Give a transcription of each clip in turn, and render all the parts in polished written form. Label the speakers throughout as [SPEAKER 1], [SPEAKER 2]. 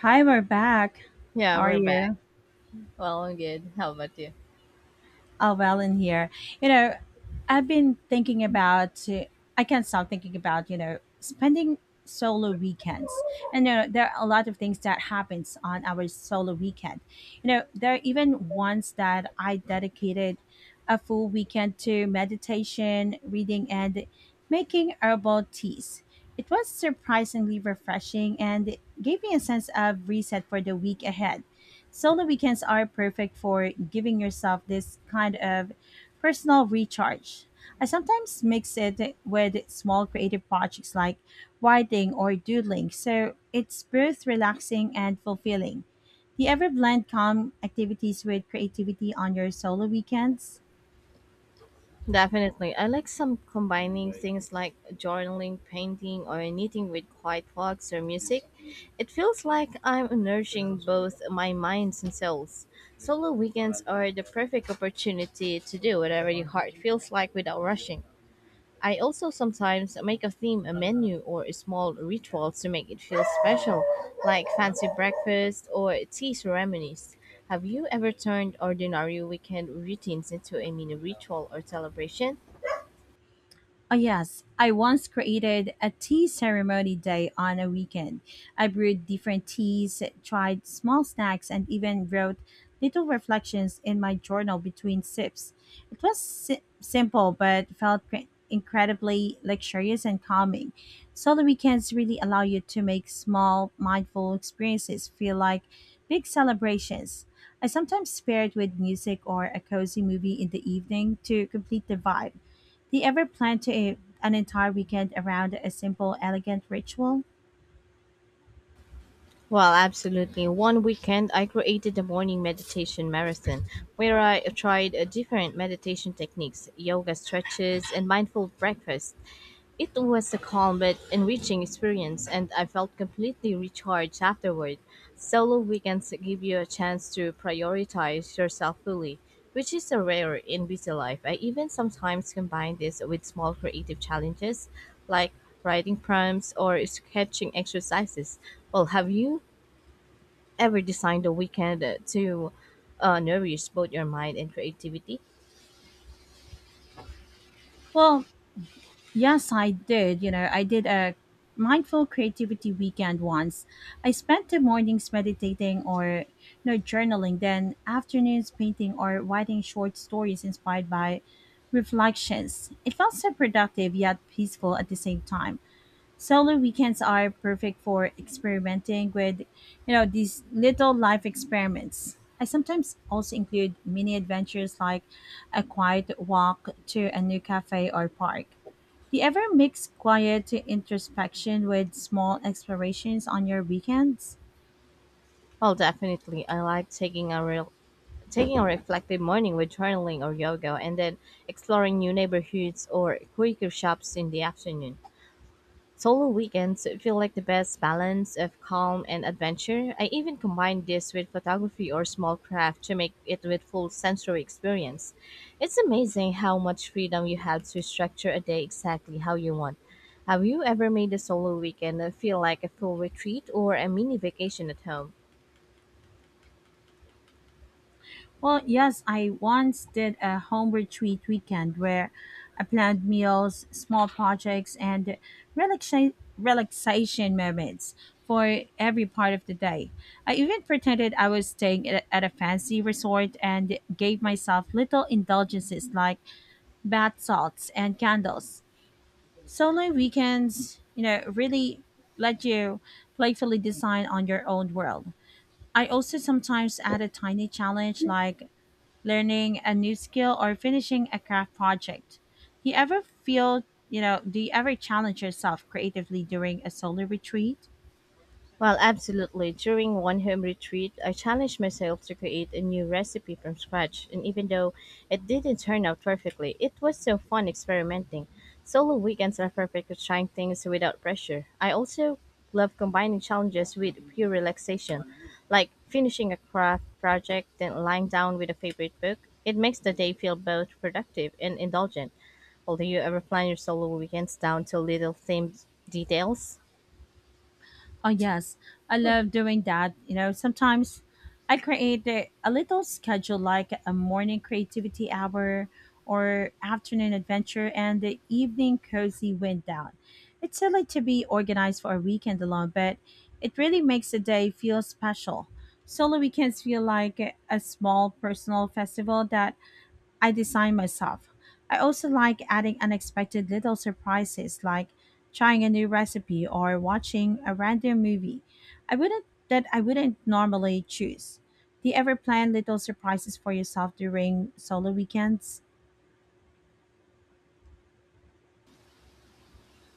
[SPEAKER 1] Hi, we're back. How
[SPEAKER 2] Yeah,
[SPEAKER 1] are
[SPEAKER 2] we're back.
[SPEAKER 1] you?
[SPEAKER 2] Well, I'm good. How about you?
[SPEAKER 1] Oh, well, in here. You know, I've been thinking about, I can't stop thinking about, spending solo weekends. And there are a lot of things that happens on our solo weekend. You know, there are even ones that I dedicated a full weekend to meditation, reading, and making herbal teas. It was surprisingly refreshing and gave me a sense of reset for the week ahead. Solo weekends are perfect for giving yourself this kind of personal recharge. I sometimes mix it with small creative projects like writing or doodling, so it's both relaxing and fulfilling. Do you ever blend calm activities with creativity on your solo weekends?
[SPEAKER 2] Definitely. I like some combining things like journaling, painting, or knitting with quiet walks or music. It feels like I'm nourishing both my minds and souls. Solo weekends are the perfect opportunity to do whatever your heart feels like without rushing. I also sometimes make a theme a menu or a small rituals to make it feel special, like fancy breakfast or tea ceremonies. Have you ever turned ordinary weekend routines into a mini ritual or celebration?
[SPEAKER 1] Oh, yes. I once created a tea ceremony day on a weekend. I brewed different teas, tried small snacks, and even wrote little reflections in my journal between sips. It was simple, but felt incredibly luxurious and calming. So, the weekends really allow you to make small, mindful experiences feel like big celebrations. I sometimes pair it with music or a cozy movie in the evening to complete the vibe. Do you ever plan an entire weekend around a simple, elegant ritual?
[SPEAKER 2] Well, absolutely. One weekend, I created a morning meditation marathon where I tried different meditation techniques, yoga stretches, and mindful breakfast. It was a calm but enriching experience, and I felt completely recharged afterward. Solo weekends give you a chance to prioritize yourself fully, which is a rare in busy life. I even sometimes combine this with small creative challenges like writing prompts or sketching exercises. Well, have you ever designed a weekend to nourish both your mind and creativity?
[SPEAKER 1] Well, yes, I did. You know, I did a mindful creativity weekend once. I spent the mornings meditating or journaling, then afternoons painting or writing short stories inspired by reflections. It felt so productive yet peaceful at the same time. Solo weekends are perfect for experimenting with, these little life experiments. I sometimes also include mini adventures like a quiet walk to a new cafe or park. Do you ever mix quiet introspection with small explorations on your weekends?
[SPEAKER 2] Well, definitely. I like taking a reflective morning with journaling or yoga, and then exploring new neighborhoods or quirky shops in the afternoon. Solo weekends feel like the best balance of calm and adventure. I even combine this with photography or small craft to make it with full sensory experience. It's amazing how much freedom you have to structure a day exactly how you want. Have you ever made a solo weekend feel like a full retreat or a mini vacation at home?
[SPEAKER 1] Well, yes, I once did a home retreat weekend where I planned meals, small projects, and relaxation moments for every part of the day. I even pretended I was staying at a fancy resort and gave myself little indulgences like bath salts and candles. Solo weekends, really let you playfully design on your own world. I also sometimes add a tiny challenge like learning a new skill, or finishing a craft project. Do you ever feel, do you ever challenge yourself creatively during a solo retreat?
[SPEAKER 2] Well, absolutely. During one home retreat, I challenged myself to create a new recipe from scratch, and even though it didn't turn out perfectly, it was so fun experimenting. Solo weekends are perfect for trying things without pressure. I also love combining challenges with pure relaxation, like finishing a craft project, then lying down with a favorite book. It makes the day feel both productive and indulgent. Well, do you ever plan your solo weekends down to little themed details?
[SPEAKER 1] Oh, yes. I love doing that. You know, sometimes I create a little schedule like a morning creativity hour or afternoon adventure and the evening cozy wind down. It's silly to be organized for a weekend alone, but it really makes the day feel special. Solo weekends feel like a small personal festival that I design myself. I also like adding unexpected little surprises like trying a new recipe or watching a random movie I wouldn't normally choose. Do you ever plan little surprises for yourself during solo weekends?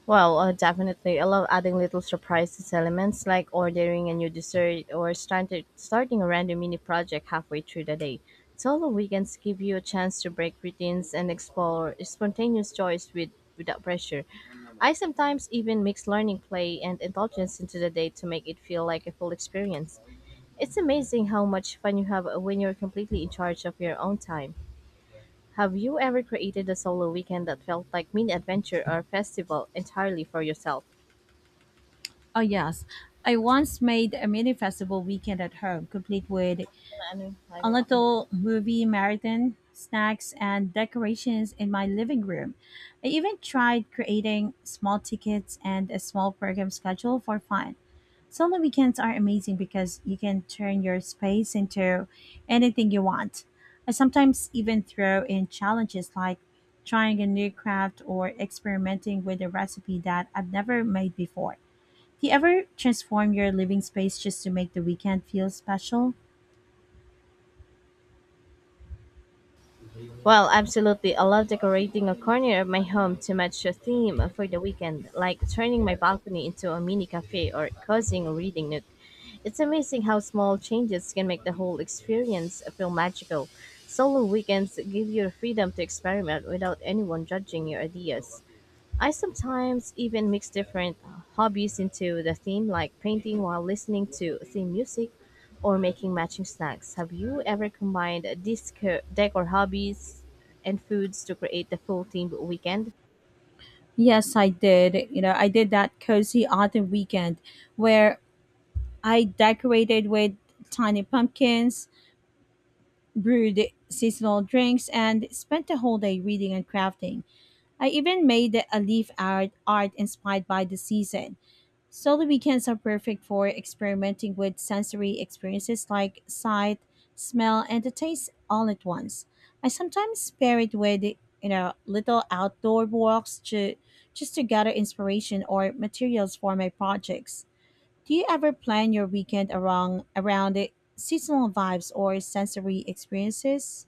[SPEAKER 2] Well, definitely. I love adding little surprises elements like ordering a new dessert or starting a random mini project halfway through the day. Solo weekends give you a chance to break routines and explore spontaneous joys without pressure. I sometimes even mix learning, play, and indulgence into the day to make it feel like a full experience. It's amazing how much fun you have when you're completely in charge of your own time. Have you ever created a solo weekend that felt like mini adventure or festival entirely for yourself?
[SPEAKER 1] Oh yes. I once made a mini festival weekend at home, complete with a little movie marathon, snacks, and decorations in my living room. I even tried creating small tickets and a small program schedule for fun. Solo weekends are amazing because you can turn your space into anything you want. I sometimes even throw in challenges like trying a new craft or experimenting with a recipe that I've never made before. Do you ever transform your living space just to make the weekend feel special?
[SPEAKER 2] Well, absolutely. I love decorating a corner of my home to match a theme for the weekend, like turning my balcony into a mini cafe or cozying a reading nook. It's amazing how small changes can make the whole experience feel magical. Solo weekends give you freedom to experiment without anyone judging your ideas. I sometimes even mix different hobbies into the theme, like painting while listening to theme music or making matching snacks. Have you ever combined decor hobbies and foods to create the full themed weekend?
[SPEAKER 1] Yes, I did. You know, I did that cozy autumn weekend where I decorated with tiny pumpkins, brewed seasonal drinks, and spent the whole day reading and crafting. I even made a art inspired by the season. Study weekends are perfect for experimenting with sensory experiences like sight, smell, and the taste all at once. I sometimes pair it with, little outdoor walks to just to gather inspiration or materials for my projects. Do you ever plan your weekend around the seasonal vibes or sensory experiences?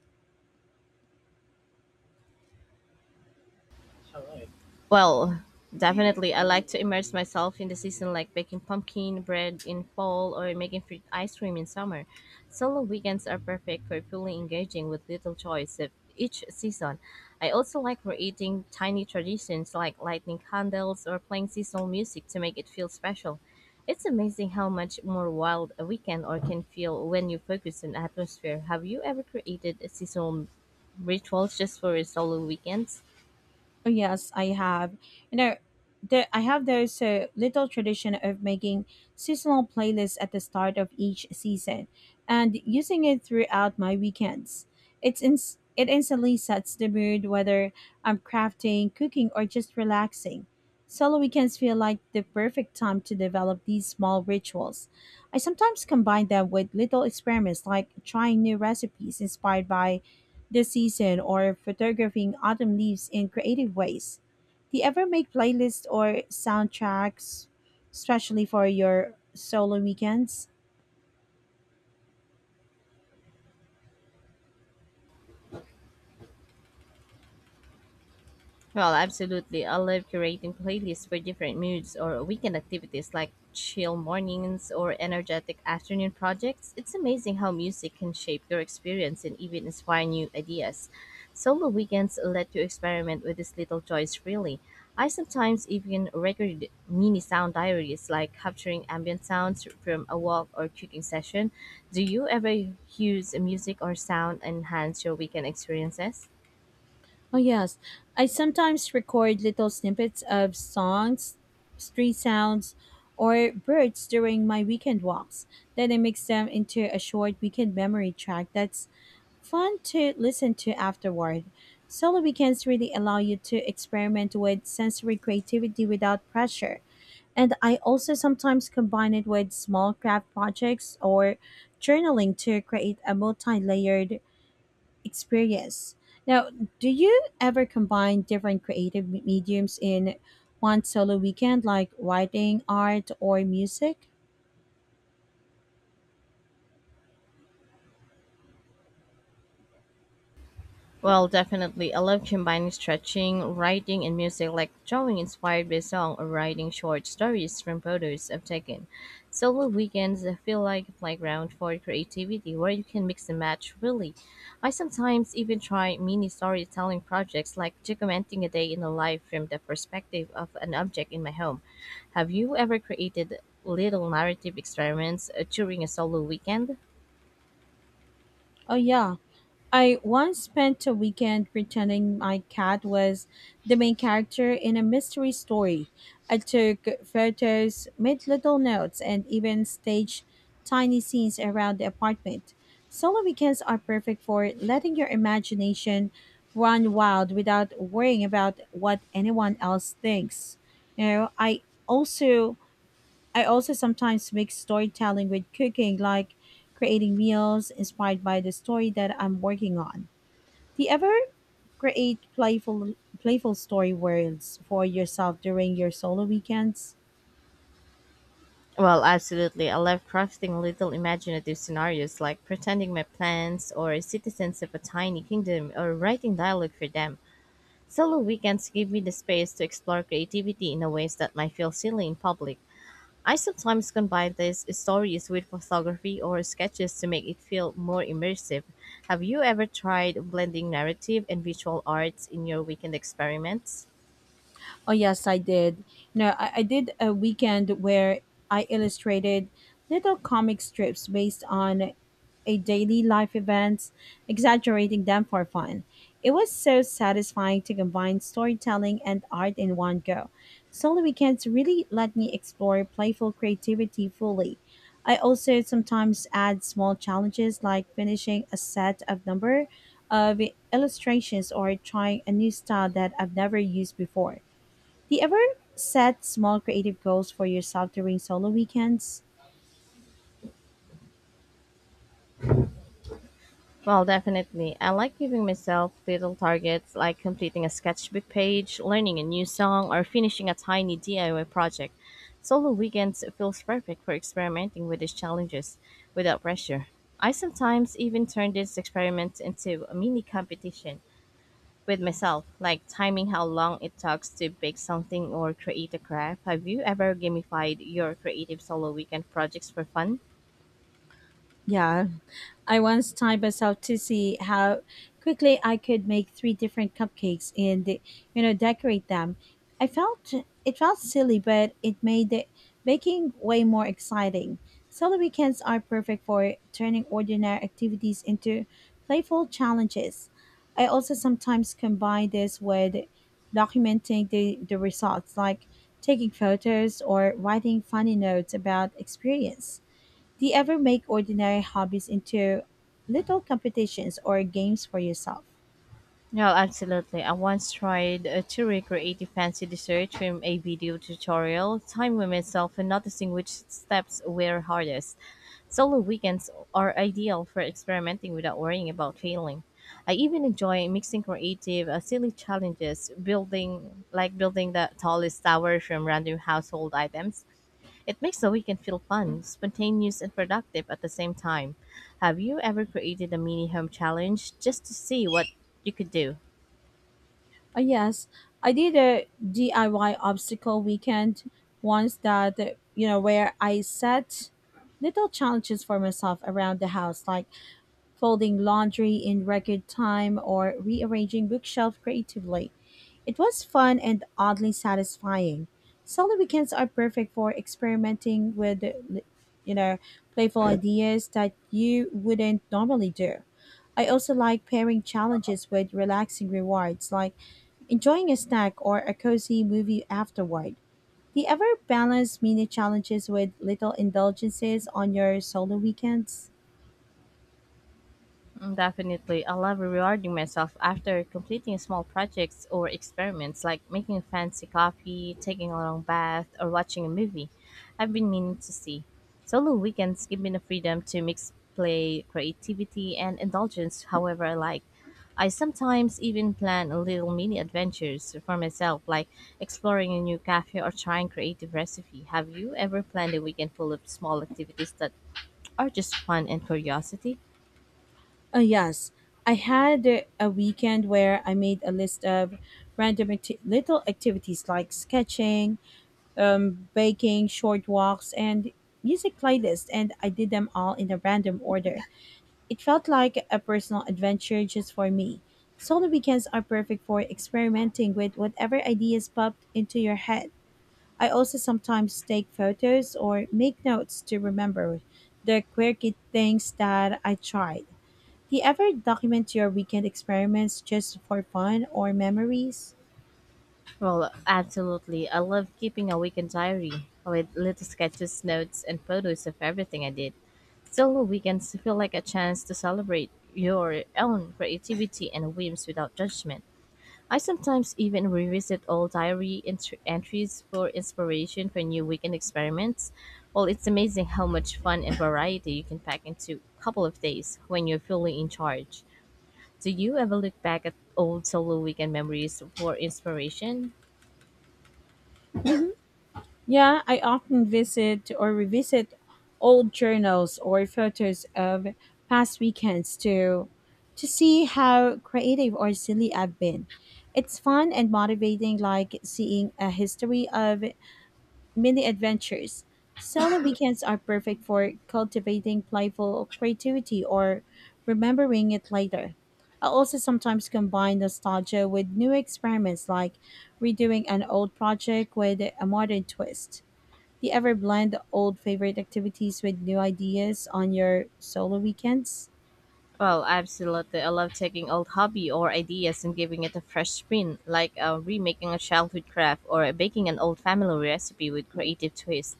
[SPEAKER 2] Well, definitely. I like to immerse myself in the season, like baking pumpkin bread in fall or making fruit ice cream in summer. Solo weekends are perfect for fully engaging with little choice of each season. I also like creating tiny traditions like lighting candles or playing seasonal music to make it feel special. It's amazing how much more wild a weekend or can feel when you focus on atmosphere. Have you ever created a seasonal rituals just for solo weekends?
[SPEAKER 1] Oh yes, I have. You know, I have those little tradition of making seasonal playlists at the start of each season, and using it throughout my weekends. It instantly sets the mood whether I'm crafting, cooking, or just relaxing. Solo weekends feel like the perfect time to develop these small rituals. I sometimes combine them with little experiments like trying new recipes inspired by this season or photographing autumn leaves in creative ways. Do you ever make playlists or soundtracks, especially for your solo weekends?
[SPEAKER 2] Well, absolutely. I love curating playlists for different moods or weekend activities like chill mornings or energetic afternoon projects. It's amazing how music can shape your experience and even inspire new ideas. Solo weekends let you experiment with these little joys freely. I sometimes even record mini sound diaries like capturing ambient sounds from a walk or cooking session. Do you ever use music or sound enhance your weekend experiences?
[SPEAKER 1] Oh, yes. I sometimes record little snippets of songs, street sounds, or birds during my weekend walks. Then I mix them into a short weekend memory track that's fun to listen to afterward. Solo weekends really allow you to experiment with sensory creativity without pressure. And I also sometimes combine it with small craft projects or journaling to create a multi layered experience. Now, do you ever combine different creative mediums in one solo weekend, like writing, art, or music?
[SPEAKER 2] Well, definitely. I love combining stretching, writing, and music, like drawing inspired by song or writing short stories from photos I've taken. Solo weekends feel like a playground for creativity where you can mix and match, really. I sometimes even try mini storytelling projects, like documenting a day in the life from the perspective of an object in my home. Have you ever created little narrative experiments during a solo weekend?
[SPEAKER 1] Oh, yeah. I once spent a weekend pretending my cat was the main character in a mystery story. I took photos, made little notes, and even staged tiny scenes around the apartment. Solo weekends are perfect for letting your imagination run wild without worrying about what anyone else thinks. You know, also I also sometimes mix storytelling with cooking, like creating meals inspired by the story that I'm working on. Do you ever create playful story worlds for yourself during your solo weekends?
[SPEAKER 2] Well, absolutely. I love crafting little imaginative scenarios like pretending my plants or citizens of a tiny kingdom or writing dialogue for them. Solo weekends give me the space to explore creativity in a ways that might feel silly in public. I sometimes combine these stories with photography or sketches to make it feel more immersive. Have you ever tried blending narrative and visual arts in your weekend experiments?
[SPEAKER 1] Oh yes, I did. No, I did a weekend where I illustrated little comic strips based on a daily life events, exaggerating them for fun. It was so satisfying to combine storytelling and art in one go. Solo weekends really let me explore playful creativity fully. I also sometimes add small challenges like finishing a set of number of illustrations or trying a new style that I've never used before. Do you ever set small creative goals for yourself during solo weekends?
[SPEAKER 2] Well, definitely. I like giving myself little targets like completing a sketchbook page, learning a new song, or finishing a tiny DIY project. Solo weekends feels perfect for experimenting with these challenges without pressure. I sometimes even turn these experiments into a mini competition with myself, like timing how long it takes to bake something or create a craft. Have you ever gamified your creative solo weekend projects for fun?
[SPEAKER 1] Yeah, I once timed myself to see how quickly I could make three different cupcakes and decorate them. I felt it felt silly, but it made the baking way more exciting. Solo weekends are perfect for turning ordinary activities into playful challenges. I also sometimes combine this with documenting the results, like taking photos or writing funny notes about experience. Do you ever make ordinary hobbies into little competitions or games for yourself?
[SPEAKER 2] No, absolutely. I once tried to recreate a fancy dessert from a video tutorial, timing myself and noticing which steps were hardest. Solo weekends are ideal for experimenting without worrying about failing. I even enjoy mixing creative, silly challenges, building the tallest tower from random household items. It makes the weekend feel fun, spontaneous, and productive at the same time. Have you ever created a mini home challenge just to see what you could do?
[SPEAKER 1] Oh, yes, I did a DIY obstacle weekend once that, where I set little challenges for myself around the house, like folding laundry in record time or rearranging bookshelf creatively. It was fun and oddly satisfying. Solo weekends are perfect for experimenting with, you know, playful ideas that you wouldn't normally do. I also like pairing challenges with relaxing rewards, like enjoying a snack or a cozy movie afterward. Do you ever balance mini challenges with little indulgences on your solo weekends?
[SPEAKER 2] Mm, definitely. I love rewarding myself after completing small projects or experiments like making a fancy coffee, taking a long bath, or watching a movie I've been meaning to see. Solo weekends give me the freedom to mix play, creativity, and indulgence however I like. I sometimes even plan a little mini adventures for myself, like exploring a new cafe or trying creative recipe. Have you ever planned a weekend full of small activities that are just fun and curiosity?
[SPEAKER 1] Yes, I had a weekend where I made a list of random little activities like sketching, baking, short walks, and music playlists, and I did them all in a random order. It felt like a personal adventure just for me. Solo weekends are perfect for experimenting with whatever ideas popped into your head. I also sometimes take photos or make notes to remember the quirky things that I tried. Do you ever document your weekend experiments just for fun or memories?
[SPEAKER 2] Well, absolutely. I love keeping a weekend diary with little sketches, notes, and photos of everything I did. Solo weekends feel like a chance to celebrate your own creativity and whims without judgment. I sometimes even revisit old diary entr entries for inspiration for new weekend experiments. Well, it's amazing how much fun and variety you can pack into a couple of days when you're fully in charge. Do you ever look back at old solo weekend memories for inspiration?
[SPEAKER 1] Hmm. Yeah, I often visit or revisit old journals or photos of past weekends to see how creative or silly I've been. It's fun and motivating, like seeing a history of mini adventures. Summer weekends are perfect for cultivating playful creativity or remembering it later. I also sometimes combine nostalgia with new experiments like redoing an old project with a modern twist. Do you ever blend old favorite activities with new ideas on your solo weekends?
[SPEAKER 2] Well, absolutely. I love taking old hobby or ideas and giving it a fresh spin, like remaking a childhood craft or baking an old family recipe with creative twist.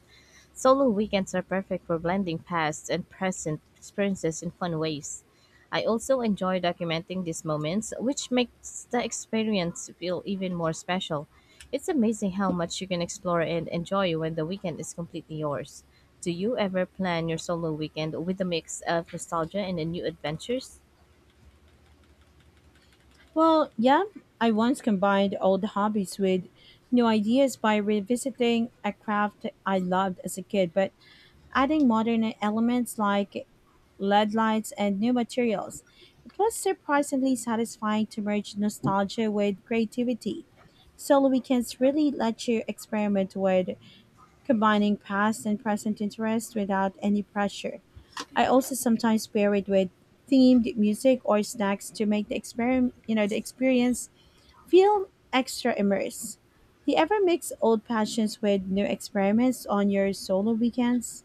[SPEAKER 2] Solo weekends are perfect for blending past and present experiences in fun ways. I also enjoy documenting these moments, which makes the experience feel even more special. It's amazing how much you can explore and enjoy when the weekend is completely yours. Do you ever plan your solo weekend with a mix of nostalgia and new adventures?
[SPEAKER 1] Well, yeah, I once combined old hobbies with new ideas by revisiting a craft I loved as a kid, but adding modern elements like LED lights and new materials. It was surprisingly satisfying to merge nostalgia with creativity. Solo weekends really let you experiment with combining past and present interests without any pressure. I also sometimes pair it with themed music or snacks to make the experiment, you know, the experience feel extra immersed. Do you ever mix old passions with new experiments on your solo weekends?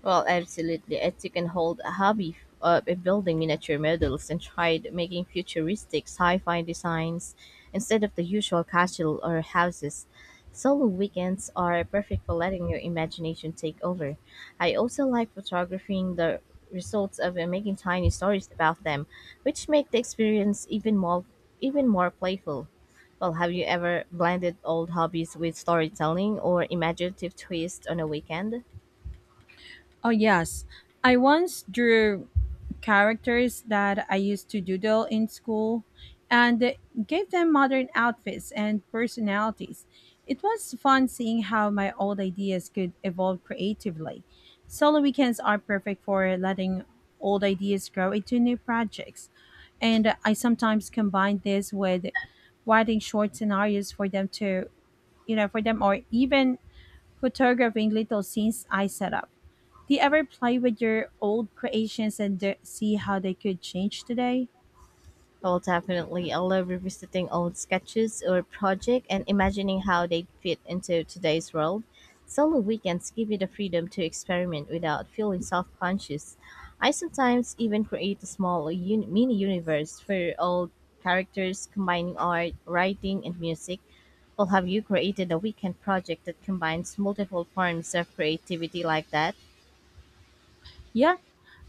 [SPEAKER 2] Well, absolutely. As you can hold a hobby of building miniature models and tried making futuristic sci-fi designs instead of the usual castle or houses. Solo weekends are perfect for letting your imagination take over. I also like photographing the results of making tiny stories about them, which make the experience even more playful. Well, have you ever blended old hobbies with storytelling or imaginative twist on a weekend?
[SPEAKER 1] Oh, yes. I once drew characters that I used to doodle in school and gave them modern outfits and personalities. It was fun seeing how my old ideas could evolve creatively. Solo weekends are perfect for letting old ideas grow into new projects. And I sometimes combine this with writing short scenarios for them to, you know, for them or even photographing little scenes I set up. Do you ever play with your old creations and see how they could change today?
[SPEAKER 2] Well, definitely. I love revisiting old sketches or project and imagining how they fit into today's world. Solo weekends give you the freedom to experiment without feeling self-conscious. I sometimes even create a mini universe for old characters, combining art, writing, and music. Well, have you created a weekend project that combines multiple forms of creativity like that?
[SPEAKER 1] Yeah,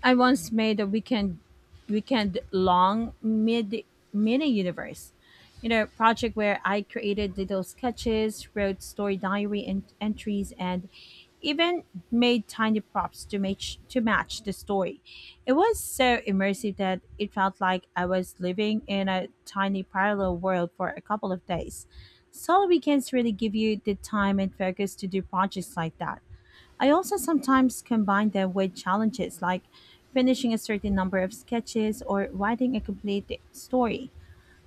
[SPEAKER 1] I once made a weekend long mid mini universe. Project where I created little sketches, wrote story diary and entries, and even made tiny props to match the story. It was so immersive that it felt like I was living in a tiny parallel world for a couple of days. Solo weekends really give you the time and focus to do projects like that. I also sometimes combine them with challenges like finishing a certain number of sketches or writing a complete story.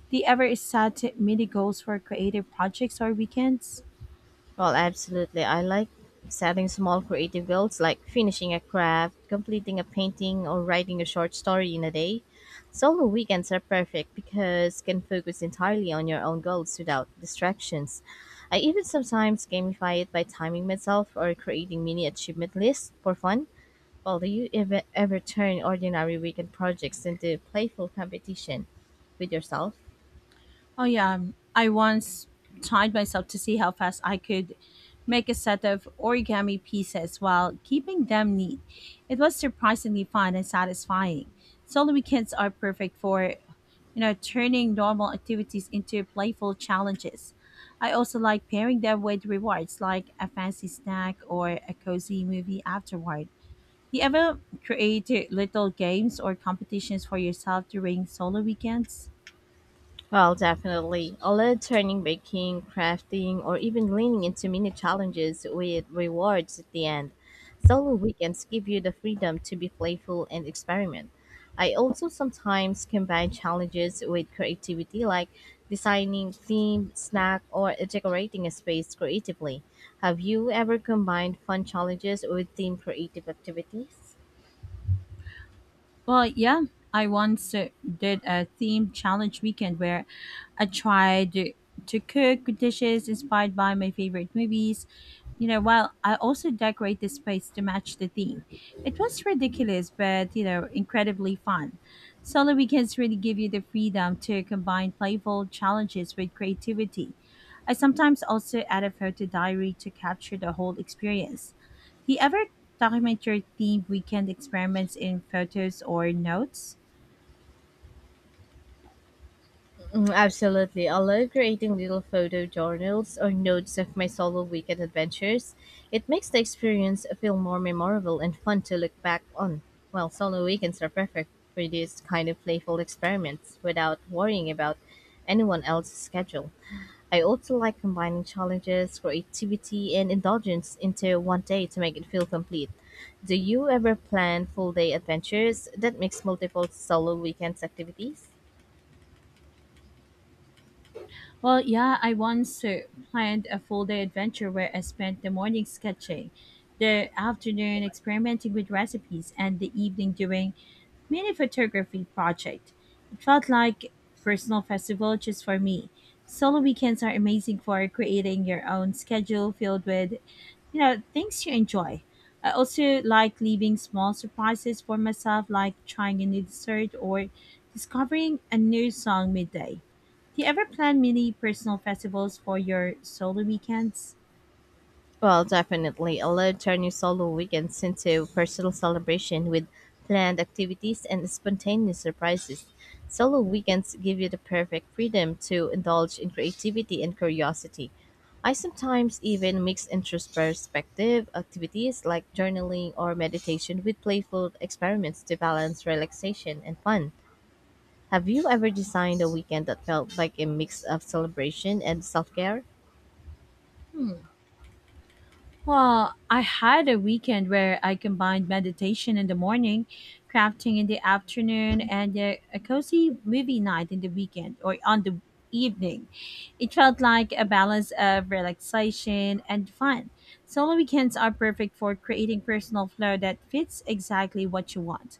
[SPEAKER 1] Do you ever set mini goals for creative projects or weekends?
[SPEAKER 2] Well, absolutely. I like setting small creative goals like finishing a craft, completing a painting, or writing a short story in a day. Solo weekends are perfect because you can focus entirely on your own goals without distractions. I even sometimes gamify it by timing myself or creating mini achievement lists for fun. Well, do you ever turn ordinary weekend projects into playful competition with yourself?
[SPEAKER 1] Oh, yeah. I once timed myself to see how fast I could make a set of origami pieces while keeping them neat. It was surprisingly fun and satisfying. Solo weekends are perfect for turning normal activities into playful challenges. I also like pairing them with rewards like a fancy snack or a cozy movie afterward. Do you ever create little games or competitions for yourself during solo weekends?
[SPEAKER 2] Well, definitely. I love turning baking, crafting, or even leaning into mini challenges with rewards at the end. Solo weekends give you the freedom to be playful and experiment. I also sometimes combine challenges with creativity, like designing themed snack or decorating a space creatively. Have you ever combined fun challenges with themed creative activities?
[SPEAKER 1] Well, yeah, I once did a theme challenge weekend where I tried to cook dishes inspired by my favorite movies. You know, while I also decorate the space to match the theme. It was ridiculous, but you know, incredibly fun. Solo weekends really give you the freedom to combine playful challenges with creativity. I sometimes also add a photo diary to capture the whole experience. Do you ever document your theme weekend experiments in photos or notes?
[SPEAKER 2] Mm, absolutely. I love creating little photo journals or notes of my solo weekend adventures. It makes the experience feel more memorable and fun to look back on. Well, solo weekends are perfect for these kind of playful experiments without worrying about anyone else's schedule. I also like combining challenges, creativity, and indulgence into one day to make it feel complete. Do you ever plan full day adventures that mix multiple solo weekends activities?
[SPEAKER 1] Well, yeah, I once planned a full day adventure where I spent the morning sketching, the afternoon experimenting with recipes, and the evening doing mini photography project. It felt like personal festival just for me. Solo weekends are amazing for creating your own schedule filled with, you know, things you enjoy. I also like leaving small surprises for myself, like trying a new dessert or discovering a new song midday. Do you ever plan mini personal festivals for your solo weekends?
[SPEAKER 2] Well, definitely. Allow turn your solo weekends into personal celebration with planned activities and spontaneous surprises. Solo weekends give you the perfect freedom to indulge in creativity and curiosity. I sometimes even mix introspective activities like journaling or meditation with playful experiments to balance relaxation and fun. Have you ever designed a weekend that felt like a mix of celebration and self care?
[SPEAKER 1] Hmm. Well, I had a weekend where I combined meditation in the morning, crafting in the afternoon, and a cozy movie night in the weekend or on the evening. It felt like a balance of relaxation and fun. Solo weekends are perfect for creating personal flow that fits exactly what you want.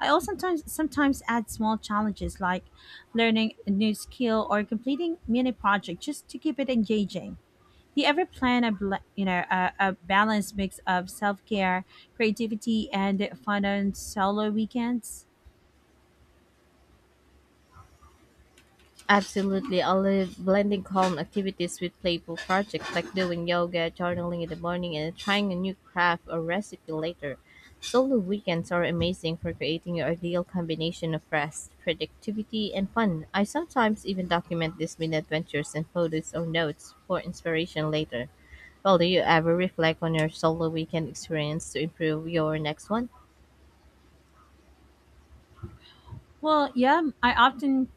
[SPEAKER 1] I also sometimes add small challenges like learning a new skill or completing mini project just to keep it engaging. Do you ever plan a you know a balanced mix of self care, creativity, and fun on solo weekends?
[SPEAKER 2] Absolutely. I love blending calm activities with playful projects like doing yoga, journaling in the morning, and trying a new craft or recipe later. Solo weekends are amazing for creating your ideal combination of rest, productivity, and fun. I sometimes even document these mini adventures in photos or notes for inspiration later. Well, do you ever reflect on your solo weekend experience to improve your next one?
[SPEAKER 1] Well, yeah, I often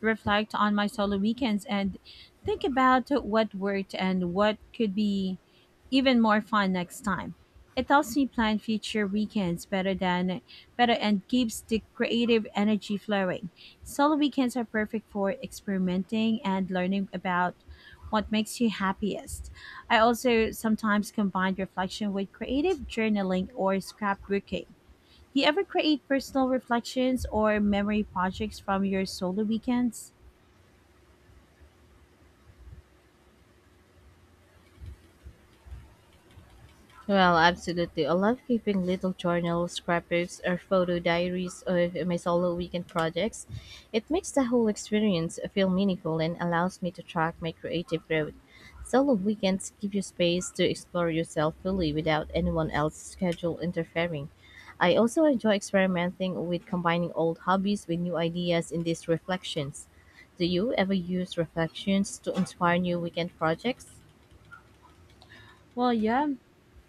[SPEAKER 1] reflect on my solo weekends and think about what worked and what could be even more fun next time. It helps me plan future weekends better and keeps the creative energy flowing. Solo weekends are perfect for experimenting and learning about what makes you happiest. I also sometimes combine reflection with creative journaling or scrapbooking. Do you ever create personal reflections or memory projects from your solo weekends?
[SPEAKER 2] Well, absolutely. I love keeping little journals, scrapbooks, or photo diaries of my solo weekend projects. It makes the whole experience feel meaningful and allows me to track my creative growth. Solo weekends give you space to explore yourself fully without anyone else's schedule interfering. I also enjoy experimenting with combining old hobbies with new ideas in these reflections. Do you ever use reflections to inspire new weekend projects?
[SPEAKER 1] Well, yeah,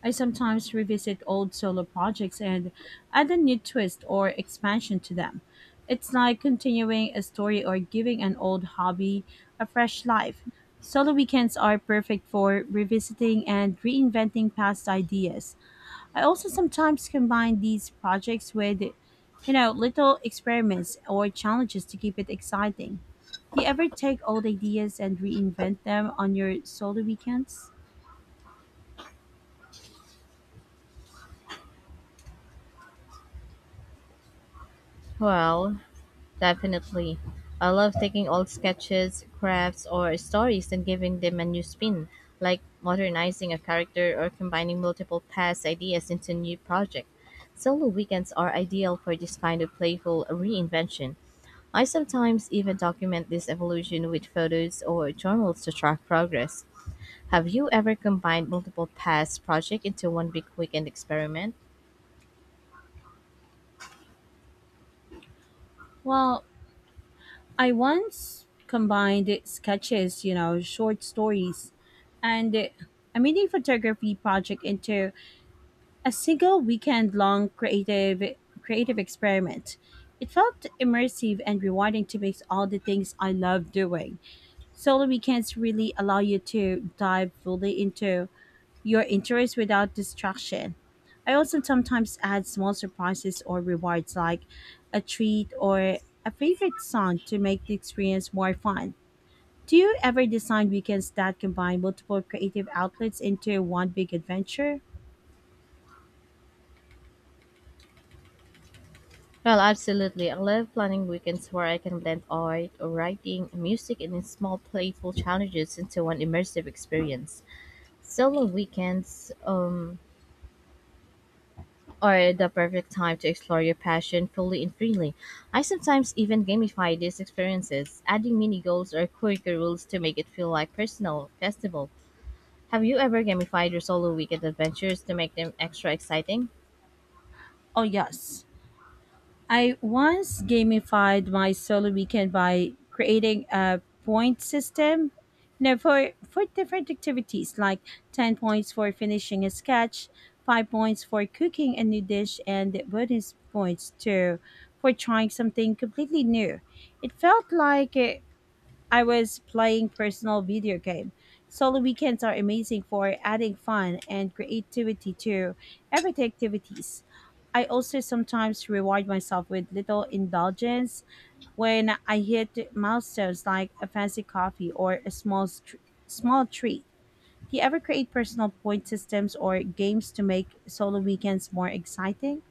[SPEAKER 1] I sometimes revisit old solo projects and add a new twist or expansion to them. It's like continuing a story or giving an old hobby a fresh life. Solo weekends are perfect for revisiting and reinventing past ideas. I also sometimes combine these projects with, you know, little experiments or challenges to keep it exciting. Do you ever take old ideas and reinvent them on your solo weekends?
[SPEAKER 2] Well, definitely. I love taking old sketches, crafts, or stories and giving them a new spin, like modernizing a character or combining multiple past ideas into a new project. Solo weekends are ideal for this kind of playful reinvention. I sometimes even document this evolution with photos or journals to track progress. Have you ever combined multiple past projects into one big weekend experiment?
[SPEAKER 1] Well, I once combined sketches, you know, short stories, and a mini photography project into a single weekend long creative experiment. It felt immersive and rewarding to mix all the things I love doing. Solo weekends really allow you to dive fully into your interest without distraction. I also sometimes add small surprises or rewards like a treat or a favorite song to make the experience more fun. Do you ever design weekends that combine multiple creative outlets into one big adventure?
[SPEAKER 2] Well, absolutely. I love planning weekends where I can blend art, writing, music, and small playful challenges into one immersive experience. Solo weekends are the perfect time to explore your passion fully and freely. I sometimes even gamify these experiences, adding mini goals or quirky rules to make it feel like personal festival. Have you ever gamified your solo weekend adventures to make them extra exciting?
[SPEAKER 1] Oh, yes. I once gamified my solo weekend by creating a point system. You know, for, different activities like 10 points for finishing a sketch, 5 points for cooking a new dish, and bonus points too for trying something completely new. It felt like I was playing personal video game. Solo weekends are amazing for adding fun and creativity to everyday activities. I also sometimes reward myself with little indulgence when I hit milestones like a fancy coffee or a small treat. Do you ever create personal point systems or games to make solo weekends more exciting?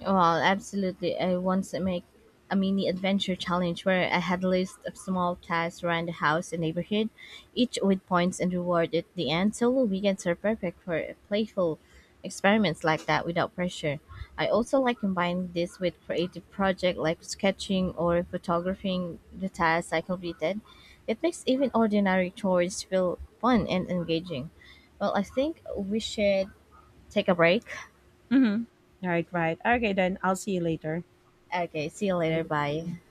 [SPEAKER 2] Well, absolutely. I once make a mini adventure challenge where I had a list of small tasks around the house and neighborhood, each with points and reward at the end. Solo weekends are perfect for playful experiments like that without pressure. I also like combining this with creative projects like sketching or photographing the tasks I completed. It makes even ordinary chores feel fun and engaging. Well, I think we should take a break.
[SPEAKER 1] Mm-hmm. All right, right. Okay, then I'll see you later.
[SPEAKER 2] Okay, see you later. Bye.
[SPEAKER 1] Okay.